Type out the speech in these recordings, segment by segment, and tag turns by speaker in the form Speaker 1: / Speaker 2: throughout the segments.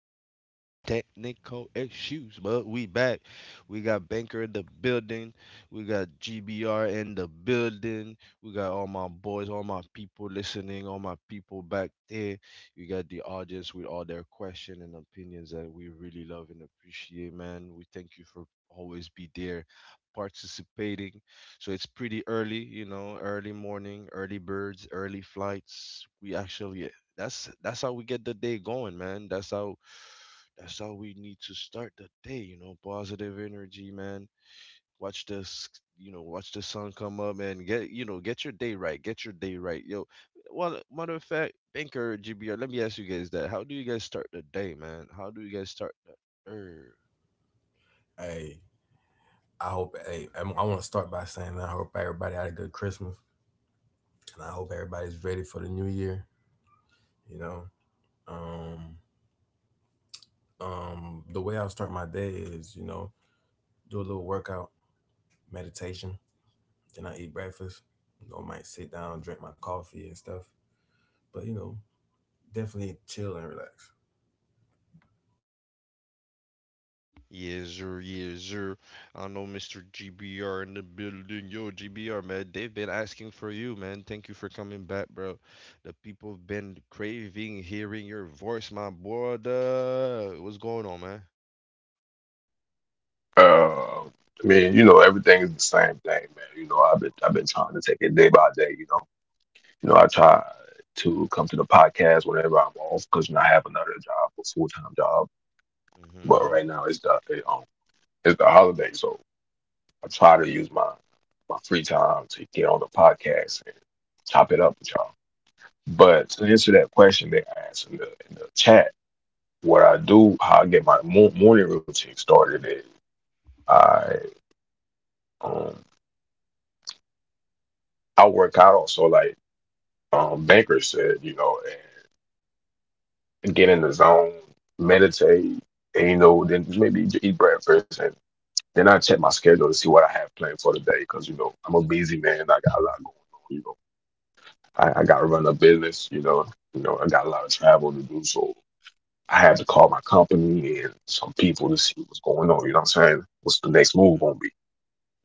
Speaker 1: having some technical issues, but we back. We got Banker in the building. We got GBR in the building. We got all my boys, all my people listening, all my people back there. You got the audience with all their questions and opinions that we really love and appreciate, man. We thank you for always be there participating. So it's pretty early, early morning, early birds, early flights. We actually that's how we get the day going, man. That's how we need to start the day, positive energy, man. Watch the s watch the sun come up and get, get your day right. Get your day right. Yo, well, matter of fact, Banker, GBR, let me ask you guys that. How do you guys start the day, man? How do you guys start the?
Speaker 2: Hey, I hope. Hey, I want to start by saying I hope everybody had a good Christmas, and I hope everybody's ready for the new year. You know, um, the way I start my day is, you know, do a little workout, meditation, then I eat breakfast. You know, might sit down, drink my coffee and stuff. But you know, definitely chill and relax.
Speaker 1: Yes, sir. Yes, sir. I know Mr. GBR in the building. Yo, GBR, man, they've been asking for you, man. Thank you for coming back, bro. The people have been craving hearing your voice, my brother. What's going on, man? Mm-hmm, mm-hmm.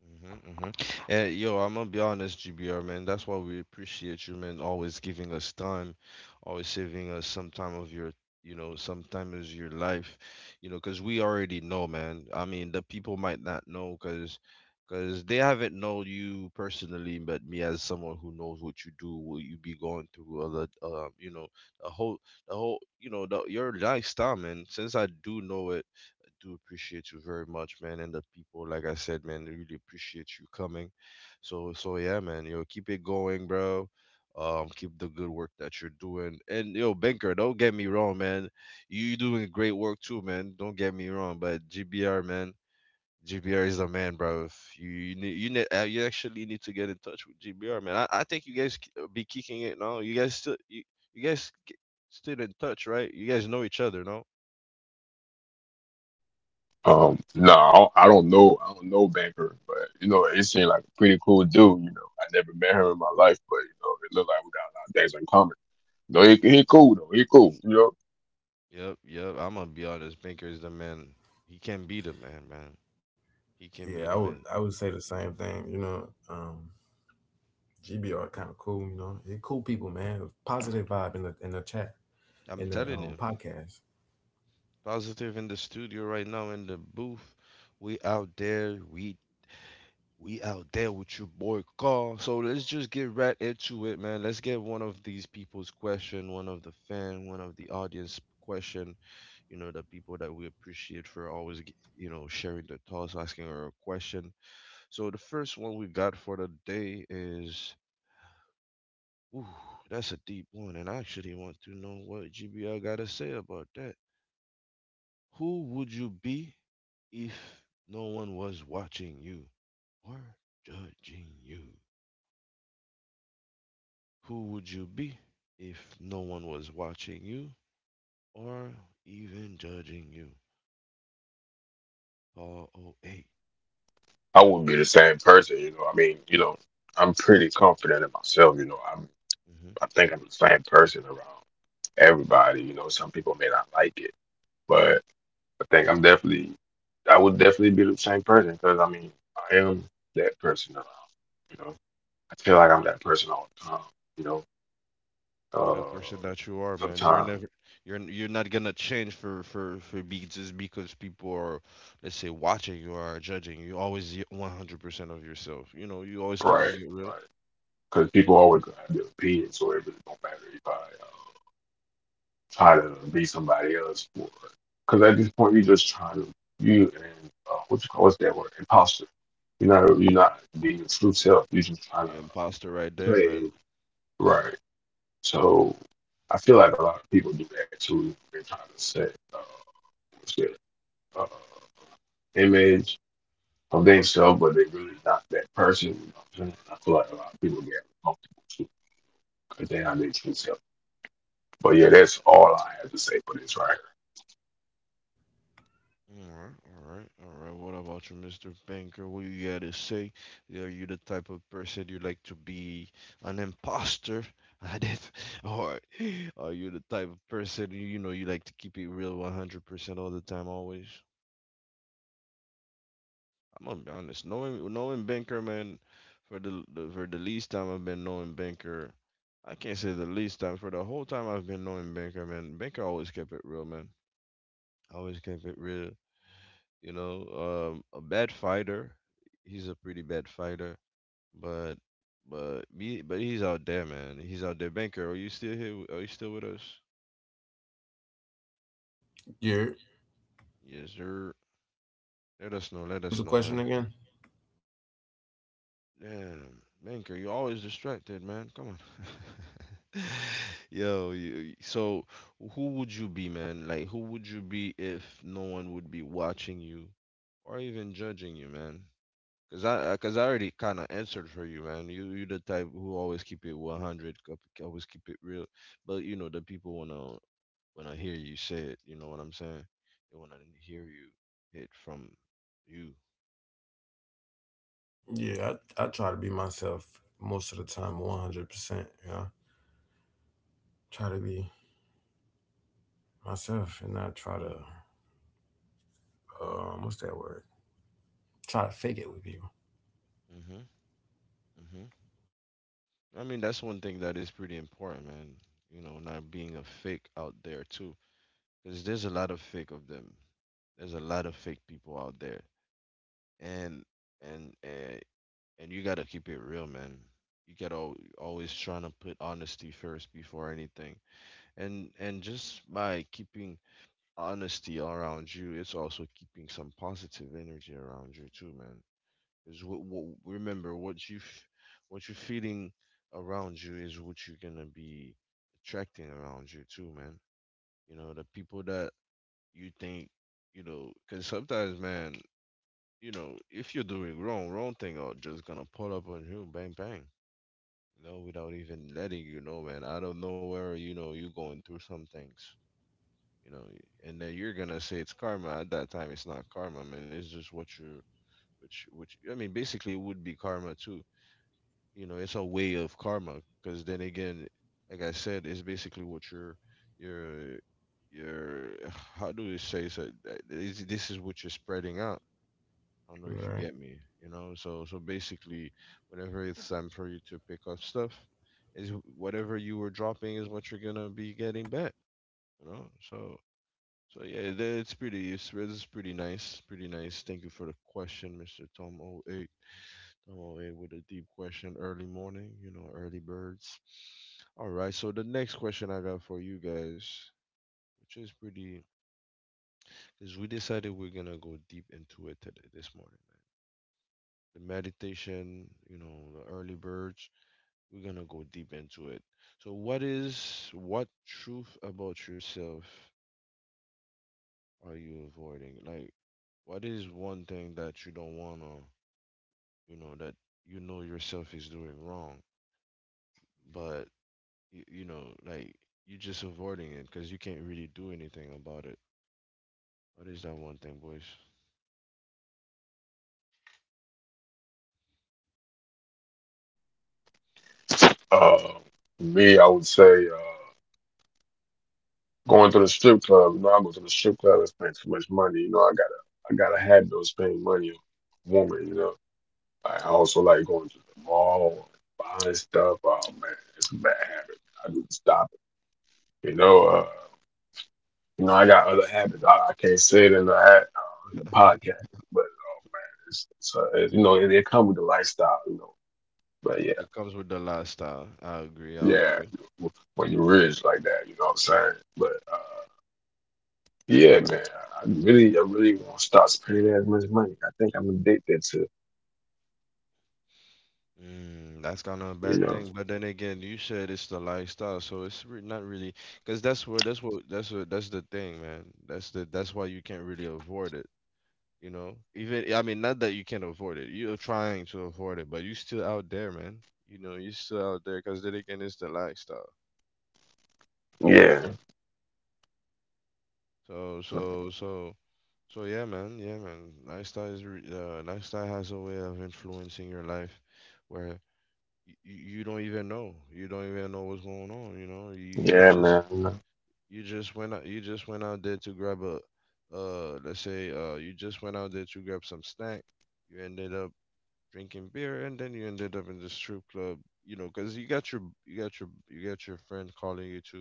Speaker 1: Mm-hmm, mm-hmm. And yo, I'm gonna be honest, GBR, man. That's why we appreciate you, man. Always giving us time, always saving us some time of your, some time of your life, 'cause we already know, man. I mean, the people might not know, 'cause they haven't known you personally, but me as someone who knows what you do, what you be going through, or the, the whole, your lifestyle, man. Since I do know it do appreciate you very much, man. And the people, like I said, man, they really appreciate you coming. So yeah, man, keep it going, bro. Keep the good work that you're doing. And yo, Banker, don't get me wrong, man. You doing great work too, man. Don't get me wrong, but GBR, man. GBR is a man, bro. If you need, you actually need to get in touch with GBR, man. I think you guys be kicking it now. You guys still you guys k- still in touch, right? You guys know each other, no? Yep, yep. I'm gonna be honest. Baker is the man. He can be the man, man. He can be
Speaker 2: Yeah, I
Speaker 1: the
Speaker 2: would.
Speaker 1: man.
Speaker 2: I would say the same thing. GBR kind of cool. You know, they cool people, man. Positive vibe in the chat
Speaker 1: I'm
Speaker 2: in the
Speaker 1: telling
Speaker 2: um,
Speaker 1: you.
Speaker 2: podcast.
Speaker 1: Positive in the studio right now in the booth. We out there. We out there with your boy Carl. So let's just get right into it, man. Let's get one of these people's question, one of the fan, one of the audience question. You know, the people that we appreciate for always, sharing their thoughts, asking our question. So the first one we got for the day is. Ooh, that's a deep one, and I actually want to know what GBL gotta say about that. Who would you be if no one was watching you or judging you? Who would you be if no one was watching you or even judging you? ROA. Mm-hmm. You're the person that you are, man. You're not gonna change for be just because people are, let's say, watching you or judging you. Always 100% of yourself. You know, you always keeping it real. You're imposter right there, man. Mhm. All right, all right, all right. What about you, Mr. Banker? What you gotta say? Are you the type of person you like to be an imposter at it, or are you the type of person you, you know you like to keep it real 100% all the time, always? I'm gonna be honest. Knowing Benker, man, for the least time I've been knowing Benker, I can't say the least time. For the whole time I've been knowing Benker, man, Benker always kept it real, man. Always kept it real. You know, a bad fighter. He's a pretty bad fighter, but but he's out there, man. He's out there. Benker, are you still here? Are you still with us?
Speaker 2: Yeah.
Speaker 1: Yes, sir. Let us know. Let
Speaker 2: Was the
Speaker 1: us know,
Speaker 2: question
Speaker 1: man.
Speaker 2: again?
Speaker 1: Damn, Minker, you always distracted, man. Come on. Yo, so who would you be, man? Like, who would you be if no one would be watching you or even judging you, man? Cause I already kind of answered for you, man. You the type who always keep it 100, always keep it real. But you know, the people wanna hear you say it. You know what I'm saying? They wanna hear you it from you.
Speaker 2: Yeah, I try to be myself most of the time, 100%. You know, try to be myself and not try to, what's that word? Try to fake it with people.
Speaker 1: Mhm. I mean, that's one thing that is pretty important, man. You know, not being a fake out there too, because there's a lot of fake of them. There's a lot of fake people out there, and and and, and you gotta keep it real, man. You gotta always trying to put honesty first before anything, and just by keeping honesty around you, it's also keeping some positive energy around you too, man. Is what remember what you f- what you're feeling around you is what you're gonna be attracting around you too, man. You know the people that you think you know, because sometimes, man, you know if you're doing wrong, wrong thing are just gonna pull up on you, bang bang. You know, without even letting you know, man. I don't know where you know you're going through some things. You know, and then you're gonna say it's karma. At that time, it's not karma, man. It's just what you're, which I mean, basically, it would be karma too. You know, it's a way of karma, because then again, like I said, it's basically what your your your how do we say, so this is what you're spreading out. I don't know if you
Speaker 2: Right.
Speaker 1: get me, you know, so basically, whenever it's time for you to pick up stuff is whatever you were dropping is what you're gonna be getting back, you know. So it's pretty it's pretty nice, pretty nice. Thank you for the question, Mr. Tom Oh. Come away with a deep question early morning, you know, early birds. All right, so the next question I got for you guys, which is pretty, is we decided we're gonna go deep into it today, this morning, man. The meditation, you know, the early birds, we're gonna go deep into it. So, what truth about yourself are you avoiding? Like, what is one thing that you don't wanna, you know, that you know yourself is doing wrong, but you know, like you're just avoiding it because you can't really do anything about it. What is that one thing, boys? It comes with the lifestyle. I agree. I agree. Mm, that's kind of a bad thing. But then again, you said it's the lifestyle, so it's re not really because that's the thing, man. That's why you can't really avoid it. You know, even I mean, not that you can't avoid it. You're trying to avoid it, but you're still out there, man. You know, you're still out there because then again, it's the lifestyle. You know, so so so So yeah, man, yeah, man. Lifestyle has a way of influencing your life where you, you don't even know. You don't even know what's going on. You know, you you just went out you just went out there to grab a let's say you just went out there to grab some snack. You ended up drinking beer and then you ended up in the strip club. You know, 'cause you got your friend calling you to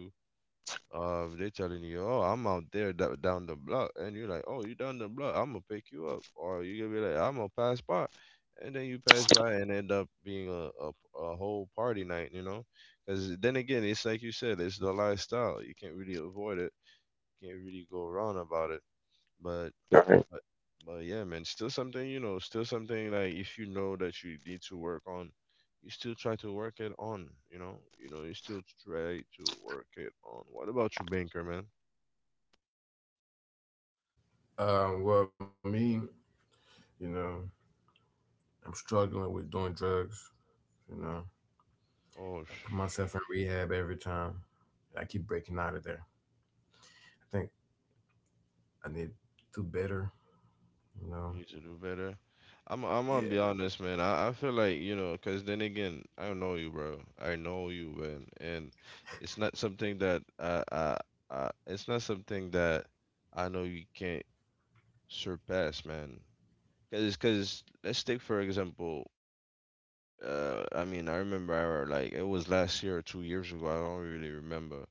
Speaker 1: they telling you, "Oh, I'm out there down the block," and you're like, "Oh, you down the block? I'm gonna pick you up," or you gonna be like, "I'm gonna pass by," and then you pass by and end up being a whole party night, you know? Because then again, it's like you said, it's the lifestyle. You can't really avoid it. Can't really go wrong about it. But but but yeah, man, still something, you know, still something like if you know that you need to work on, you still try to work it on, you know, you know, you still try to work it on. What about you, Banker?
Speaker 2: Well, me, you know, I'm struggling with doing drugs. You know, I
Speaker 1: Oh,
Speaker 2: put
Speaker 1: sh-.
Speaker 2: myself in rehab every time. I keep breaking out of there. I think I need to do better, you know.
Speaker 1: You need to do better. I'm gonna
Speaker 2: Yeah,
Speaker 1: be honest, man. I feel like, you know, cause then again, I know you, bro. I know you, man, and it's not something that it's not something that I know you can't surpass, man. Cause let's take for example, I mean, I remember like it was last year or 2 years ago. I don't really remember,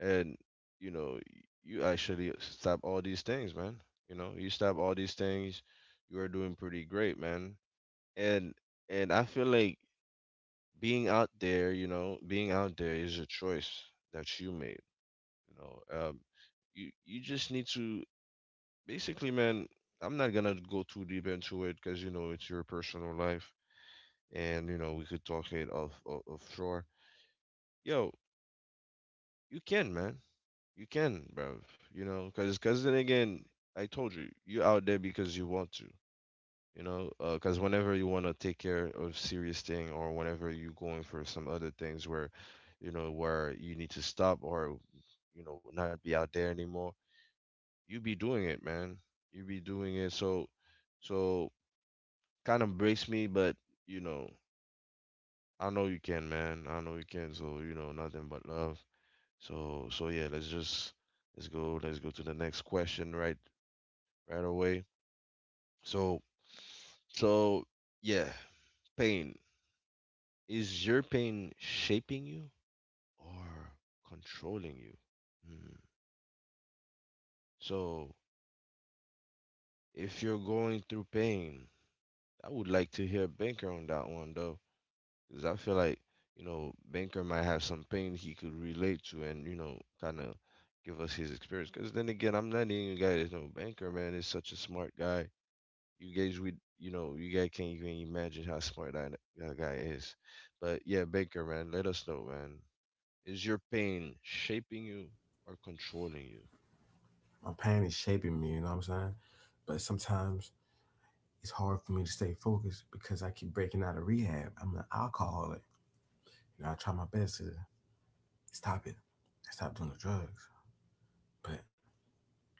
Speaker 1: and you know you actually stop all these things, man. You know you stop all these things. You are doing pretty great, man, and and I feel like being out there, you know, being out there is a choice that you made, you know. um you just need to basically, man. I'm not gonna go too deep into it because you know it's your personal life, and you know we could talk it off, offshore. Yo, you can, man. You can, bro. You know, cause then again, I told you, you out there because you want to. You know, cause whenever you wanna take care of serious thing, or whenever you going for some other things where, you know, where you need to stop or, you know, not be out there anymore, you be doing it, man. You be doing it. So kind of breaks me, but you know, I know you can, man. I know you can. So you know, nothing but love. So yeah, let's go. Let's go to the next question right away. So, so yeah, pain. Is your pain shaping you or controlling you? Hmm. So, if you're going through pain, I would like to hear Banker on that one though, because I feel like, you know, Banker might have some pain he could relate to and, you know, kind of give us his experience. Because then again, I'm not even a guy that's no Banker, man, is such a smart guy. You guys would, you know, you guys can't even imagine how smart that guy is. But yeah, Baker, man, let us know, man. Is your pain shaping you or controlling you?
Speaker 2: my pain is shaping me, you know what I'm saying? But sometimes it's hard for me to stay focused because I keep breaking out of rehab. I'm an alcoholic. You know, I try my best to stop it. I stop doing the drugs, but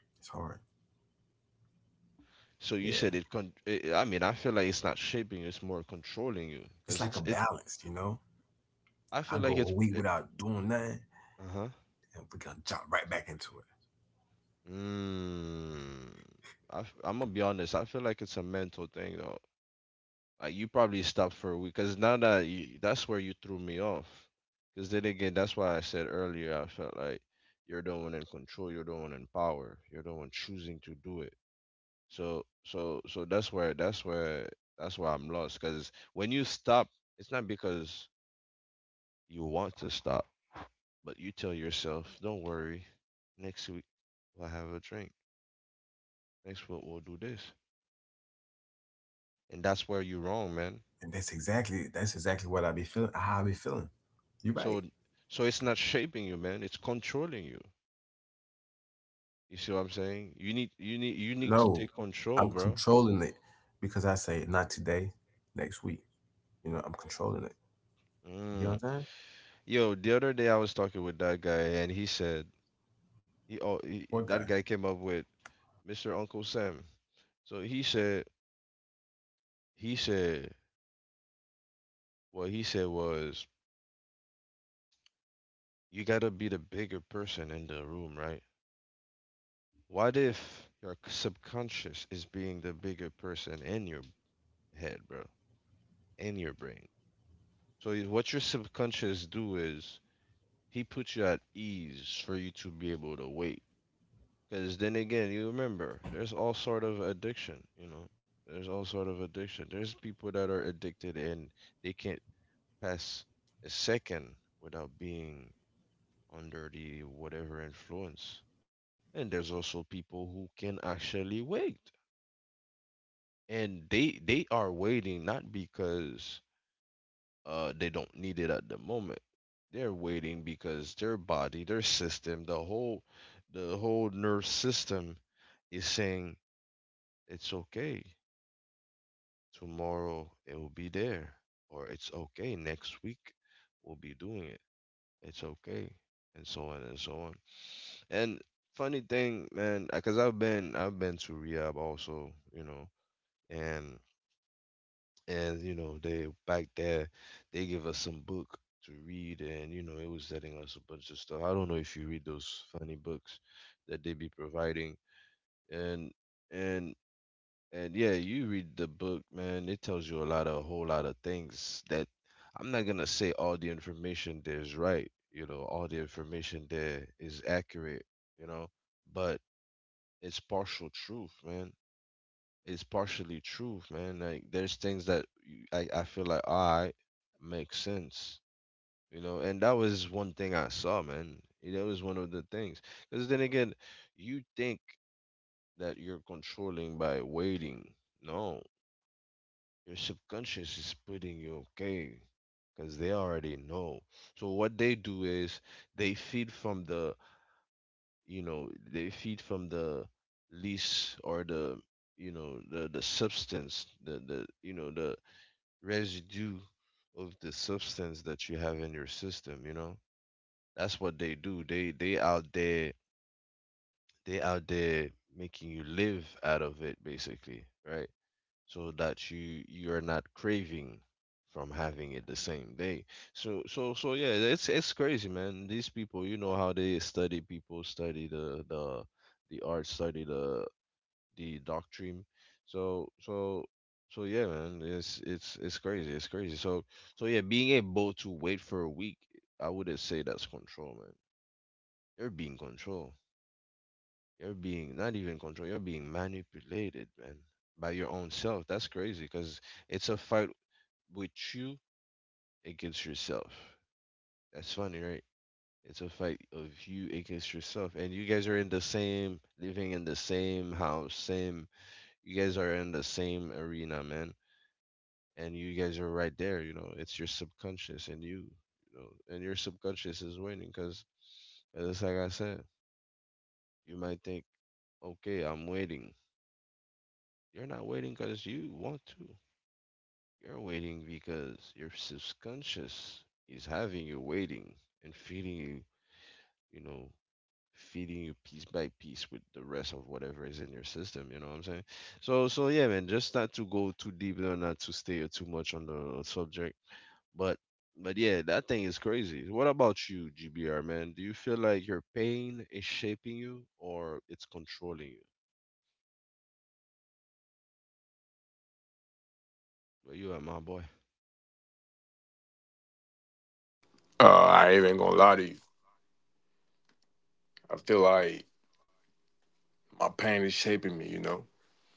Speaker 2: it's hard.
Speaker 1: So you
Speaker 2: Yeah.
Speaker 1: said it con- eh, eh, I mean I feel like it's not shaping you, it's more controlling you
Speaker 2: It's
Speaker 1: because
Speaker 2: like a
Speaker 1: it's it
Speaker 2: balance, you know?
Speaker 1: I
Speaker 2: I
Speaker 1: feel
Speaker 2: go
Speaker 1: like
Speaker 2: a week without doing nothing,
Speaker 1: uh-huh,
Speaker 2: and we gonna jump right back into it.
Speaker 1: mm, I am gonna be honest, I feel like it's a mental thing though. Like you probably stopped for a week because that's where you threw me off. Because then again, that's why I said earlier I felt like you're the one in control, you're the one in power, you're the one choosing to do it. That's where that's where that's where I'm lost. Because when you stop, it's not because you want to stop, but you tell yourself, don't worry, next week we'll have a drink. Next week we'll do this, and that's where you're wrong, man.
Speaker 2: And that's exactly what I be feeling, how I be feeling. You're right.
Speaker 1: So it's not shaping you, man. It's controlling you. You see what I'm saying? You need to
Speaker 2: No,
Speaker 1: take control,
Speaker 2: I'm
Speaker 1: bro.
Speaker 2: controlling it because I say not today, next week. You know, I'm controlling it. You know what
Speaker 1: Mm.
Speaker 2: I'm saying?
Speaker 1: Yo, the other day I was talking with that guy and he said
Speaker 2: What guy?
Speaker 1: that guy came up with Mr. Uncle Sam. So he said he said what he said was you gotta be the bigger person in the room, right? What if your subconscious is being the bigger person in your head, bro, in your brain? So what your subconscious do is he puts you at ease for you to be able to wait. Because then again, you remember, there's all sort of addiction, you know. There's all sort of addiction. There's people that are addicted and they can't pass a second without being under the whatever influence. And there's also people who can actually wait. And they are waiting not because they don't need it at the moment. They're waiting because their body, their system, the whole nerve system is saying it's okay. Tomorrow it will be there, or it's okay. Next week we'll be doing it. It's okay, and so on and so on. And funny thing, man, because I've been to rehab also, you know, and and you know they back there they give us some book to read, and you know it was telling us a bunch of stuff. I don't know if you read those funny books that they be providing, and and and yeah, you read the book, man. It tells you a lot of a whole lot of things that I'm not gonna say all the information there's right. You know, all the information there is accurate. You know, but it's partial truth, man. It's partially truth, man. Like there's things that I feel like I makes sense. You know, and that was one thing I saw, man. That was one of the things. Because then again, you think that you're controlling by waiting. No, your subconscious is putting you okay because they already know, so what they do is they feed from the, you know, they feed from the least or the, you know, the substance, the you know, the residue of the substance that you have in your system, you know. That's what they do. They out there, they out there making you live out of it basically, right? So that you are not craving from having it the same day. So yeah, it's crazy, man. These people, you know how they study people, study the art, study the doctrine. So so so yeah, man. It's crazy. It's crazy. So yeah, being able to wait for a week, I wouldn't say that's control, man. You're being controlled. You're being not even controlled. You're being manipulated, man, by your own self. That's crazy because it's a fight with you against yourself. That's funny, right? It's a fight of you against yourself, and you guys are in the same, living in the same house, same. You guys are in the same arena, man, and you guys are right there. You know, it's your subconscious and you know, and your subconscious is winning because, just like I said, you might think, okay, I'm waiting. You're not waiting because you want to. You're waiting because your subconscious is having you waiting and feeding you, you know, feeding you piece by piece with the rest of whatever is in your system. You know what I'm saying? So yeah, man. Just not to go too deep there, not to stay too much on the subject, but. But yeah, that thing is crazy. What about you, GBR, man? Do you feel like your pain is shaping you or it's controlling you? Where you at, my boy?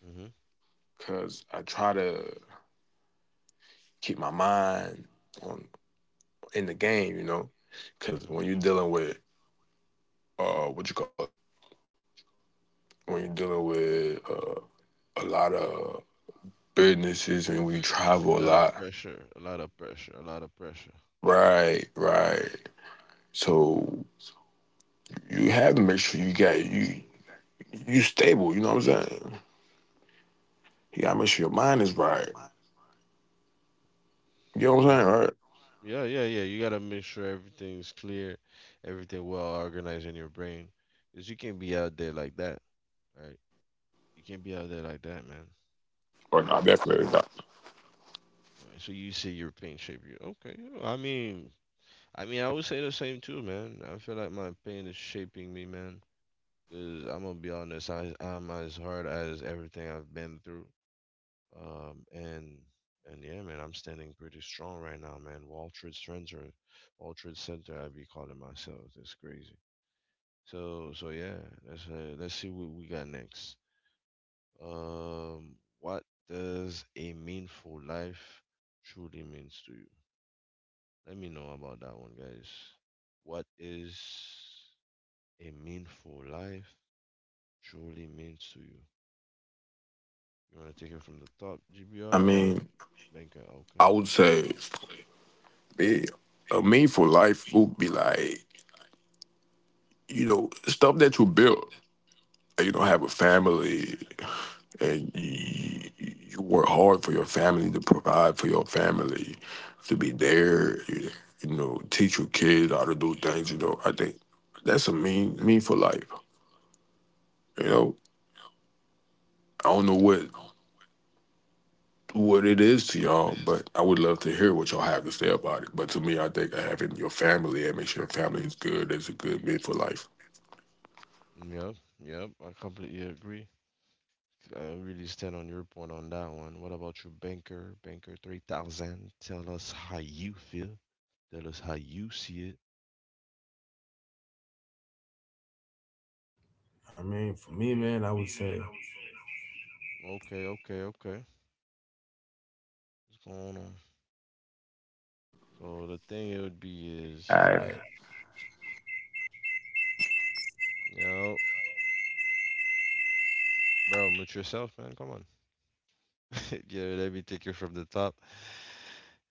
Speaker 1: Mm-hmm. Mm-hmm. A lot of pressure, a lot of pressure, a lot of pressure. Yeah, yeah. You gotta make sure everything's clear, everything well organized in your brain, because you can't be out there like that, right? You can't be out there like that, man. Right, so you say your pain shaped you. Okay. Yeah, I mean, I would say the same too, man. I feel like my pain is shaping me, man. Cause I'm gonna be honest, I'm as hard as everything I've been through. Um, and and yeah, man, I'm standing pretty strong right now, man. Wall Trade Center, Wall Trade Center, I be calling myself. That's crazy. So yeah, let's see what we got next. What does a meaningful life truly means to you? Let me know about that one, guys. What is a meaningful life truly means to you? You want to take it from the top, GBR or Banker? Okay. Yep, yep, I completely agree. I really stand on your point on that one. What about you, Banker? Banker 3000, tell us how you feel. Tell us how you see it.
Speaker 2: I mean, for me, man, I would say,
Speaker 1: Okay, okay, okay. What's going on? So the thing it would be is,
Speaker 2: all right.
Speaker 1: you bro, mute yourself, man. Come on. Yeah, let me take it from the top.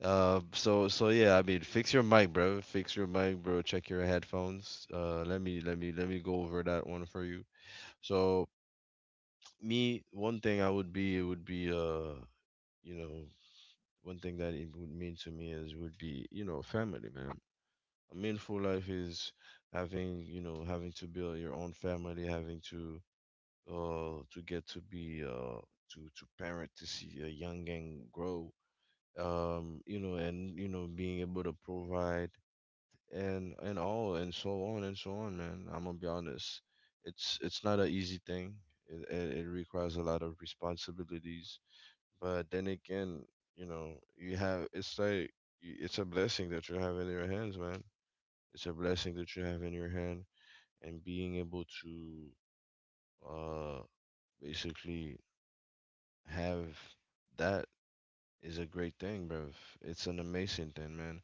Speaker 1: So yeah, I mean, fix your mic, bro. Fix your mic, bro. Check your headphones. Let me go over that one for you. So me one thing I would be it would be you know, one thing that it would mean to me is would be, you know, family, man. A meaningful life is having, you know, having to build your own family, having to get to be to parent, to see a young gang grow, you know, and you know being able to provide, and all, and so on and so on, man. I'm gonna be honest, it's not an easy thing. It it requires a lot of responsibilities, but then again, you know, you have it's like it's a blessing that you have in your hands, man. It's a blessing that you have in your hand, and being able to uh basically have that is a great thing, bro. It's an amazing thing, man.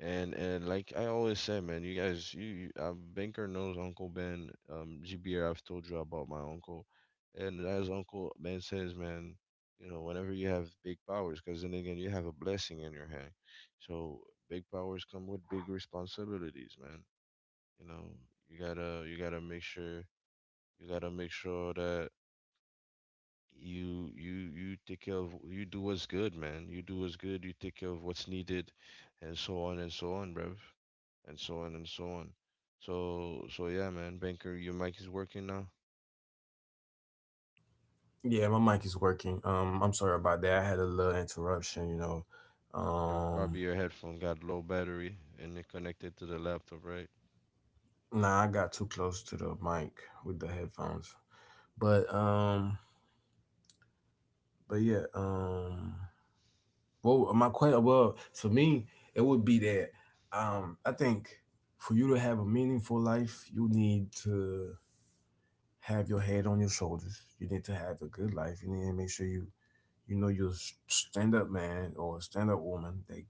Speaker 1: And like I always said, man, you guys, you Banker knows Uncle Ben. GBR, I've told you about my uncle, and as Uncle Ben says, man, you know, whenever you have big powers, because then again, you have a blessing in your hand. So big powers come with big responsibilities, man. You know, you gotta make sure you gotta make sure that you take care of you do what's good, man. You do what's good. You take care of what's needed, and so on, bruv, and so on and so on. So yeah, man. Banker, your mic is working now.
Speaker 2: Yeah, my mic is working. I'm sorry about that. I had a little interruption, you know.
Speaker 1: Your, probably
Speaker 2: Um,
Speaker 1: your headphone got low battery and it connected to the laptop, right?
Speaker 2: nah, I got too close to the mic with the headphones. But um, but yeah, well, my question, well, for me, it would be that I think for you to have a meaningful life, you need to have your head on your shoulders. You need to have a good life. You need to make sure you know you're a stand up man or a stand up woman that,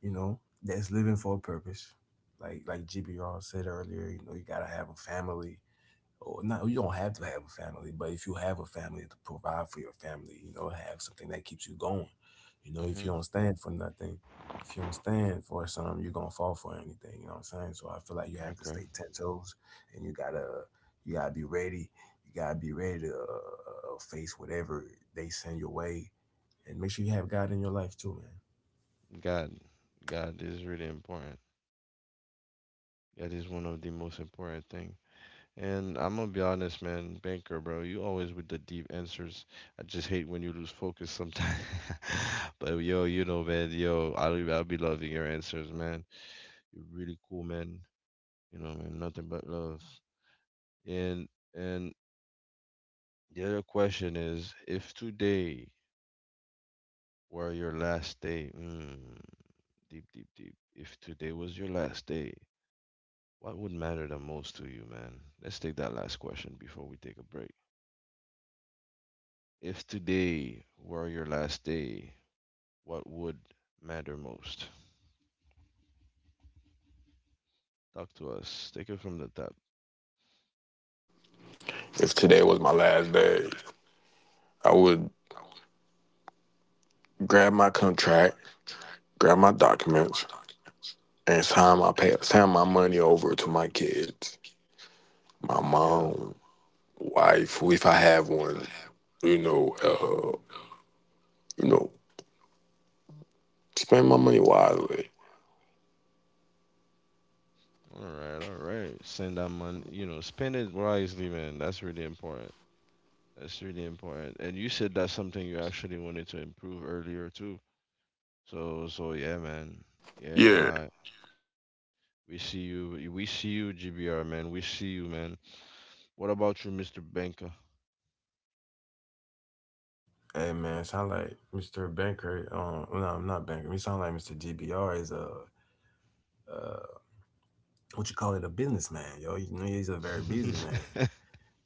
Speaker 2: you know, that's living for a purpose. Like GBR said earlier, you know, you gotta have a family. Or not, you don't have to have a family, but if you have a family, to provide for your family, you know, have something that keeps you going. You know, if you
Speaker 1: Mm-hmm.
Speaker 2: don't stand for nothing, if you don't stand for something, you're gonna fall for anything, you know what I'm saying? So I feel like you have to
Speaker 1: Okay.
Speaker 2: stay ten toes, and you gotta be ready. You gotta be ready to face whatever they send your way, and make sure you have God in your life too, man.
Speaker 1: God, God is really important. That is one of the most important thing. And I'm gonna be honest, man, banker, bro, you always with the deep answers. I just hate when you lose focus sometimes. But yo, you know, man, yo, I'll be loving your answers, man. You're really cool, man. You know, man, nothing but love. And and the other question is, if today were your last day, mm, deep, deep, deep. If today was your last day, what would matter the most to you, man? Let's take that last question before we take a break. If today were your last day, what would matter most? Talk to us. Take it from the top. Yeah. All right. All right. Send that money. You know, spend it wisely, man. That's really important. That's really important. And you said that's something you actually wanted to improve earlier too. So yeah, man. Yeah. All right. We see you. We see you, GBR, man. We see you, man. What about you, Mr. Banker?
Speaker 2: Hey
Speaker 1: What?
Speaker 2: man, sound like Mr. Banker. Well, no, I'm not Banker. He sound like Mr. GBR is a uh, what you call it, a businessman, yo. You know, he's a very busy man,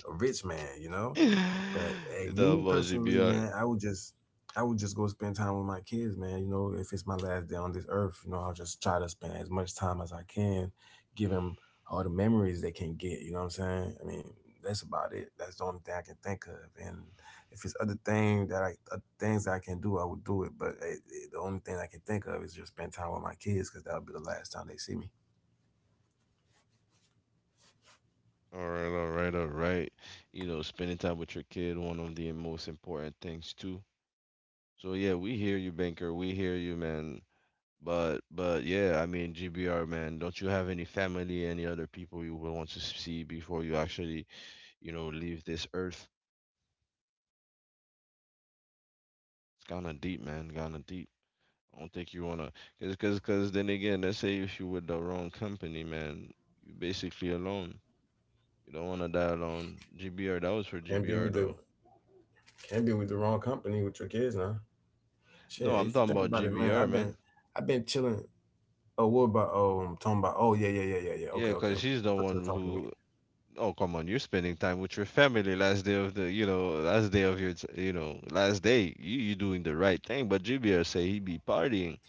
Speaker 2: a rich man, you know.
Speaker 1: You
Speaker 2: But hey, me
Speaker 1: talking about
Speaker 2: personally,
Speaker 1: GBR?
Speaker 2: man, I would just go spend time with my kids, man. You know, if it's my last day on this earth, you know, I'll just try to spend as much time as I can, give them all the memories they can get. You know what I'm saying? I mean, that's about it. That's the only thing I can think of. And if it's other things that I can do, I would do it. But the only thing I can think of is just spend time with my kids because that'll be the last time they see me.
Speaker 1: All right, all right, all right. You know, spending time with your kid, one of the most important things too. So yeah, we hear you, Banker. We hear you, man. But yeah, I mean, GBR, man. Don't you have any family, any other people you would want to see before you actually, you know, leave this earth? It's kind of deep, man. Kind of deep. I don't think you wanna, cause then again, let's say if you with the wrong company, man, you are basically alone. You don't wanna die alone. GBR, that was for
Speaker 2: Can't be
Speaker 1: GBR
Speaker 2: with
Speaker 1: though.
Speaker 2: the can't be with the wrong company with your kids now.
Speaker 1: No,
Speaker 2: Shit,
Speaker 1: I'm
Speaker 2: if you
Speaker 1: talking
Speaker 2: think
Speaker 1: about
Speaker 2: about it, man,
Speaker 1: GBR, man.
Speaker 2: I've been chilling. Oh, what about talking about? Oh, yeah, yeah, yeah, yeah, yeah.
Speaker 1: Yeah,
Speaker 2: Okay, okay,
Speaker 1: because
Speaker 2: okay.
Speaker 1: she's
Speaker 2: I
Speaker 1: the
Speaker 2: thought you were
Speaker 1: one
Speaker 2: talking to me.
Speaker 1: who. Oh, come on! You're spending time with your family last day of the, you know, last day of your, you know, last day. You doing the right thing, but GBR say he be partying.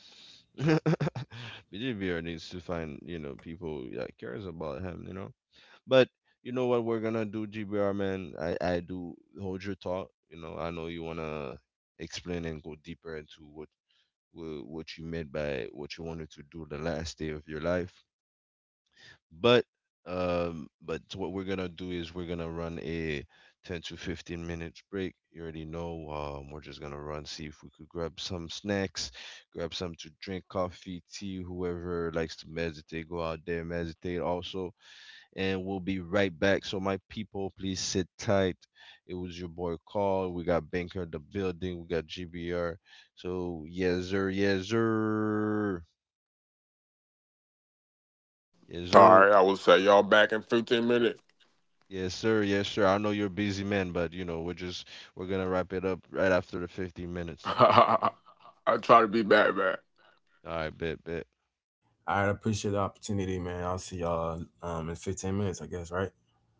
Speaker 1: But GBR needs to find, you know, people that cares about him, you know. But you know what we're gonna do, GBR man? I do hold your thought. You know, I know you wanna explain and go deeper into what what you meant by what you wanted to do the last day of your life. But but what we're gonna do is we're gonna run a 10 to 15 minutes break. You already know. We're just gonna run, see if we could grab some snacks, grab some to drink, coffee, tea. Whoever likes to meditate, go out there meditate also. And we'll be right back. So my people, please sit tight. It was your boy Call. We got Banker in the building. We got GBR. So yes sir, yes sir, yes sir. Yes, sir. Yes, sir. I know you're a busy man, but you know, we're gonna wrap it up right after the 15 minutes. All right, bet, bet.
Speaker 2: Right, I appreciate the opportunity, man. I'll see y'all in 15 minutes, I guess, right?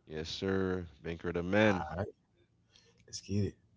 Speaker 1: Yes, sir. Banker the man.
Speaker 2: All right, let's get it.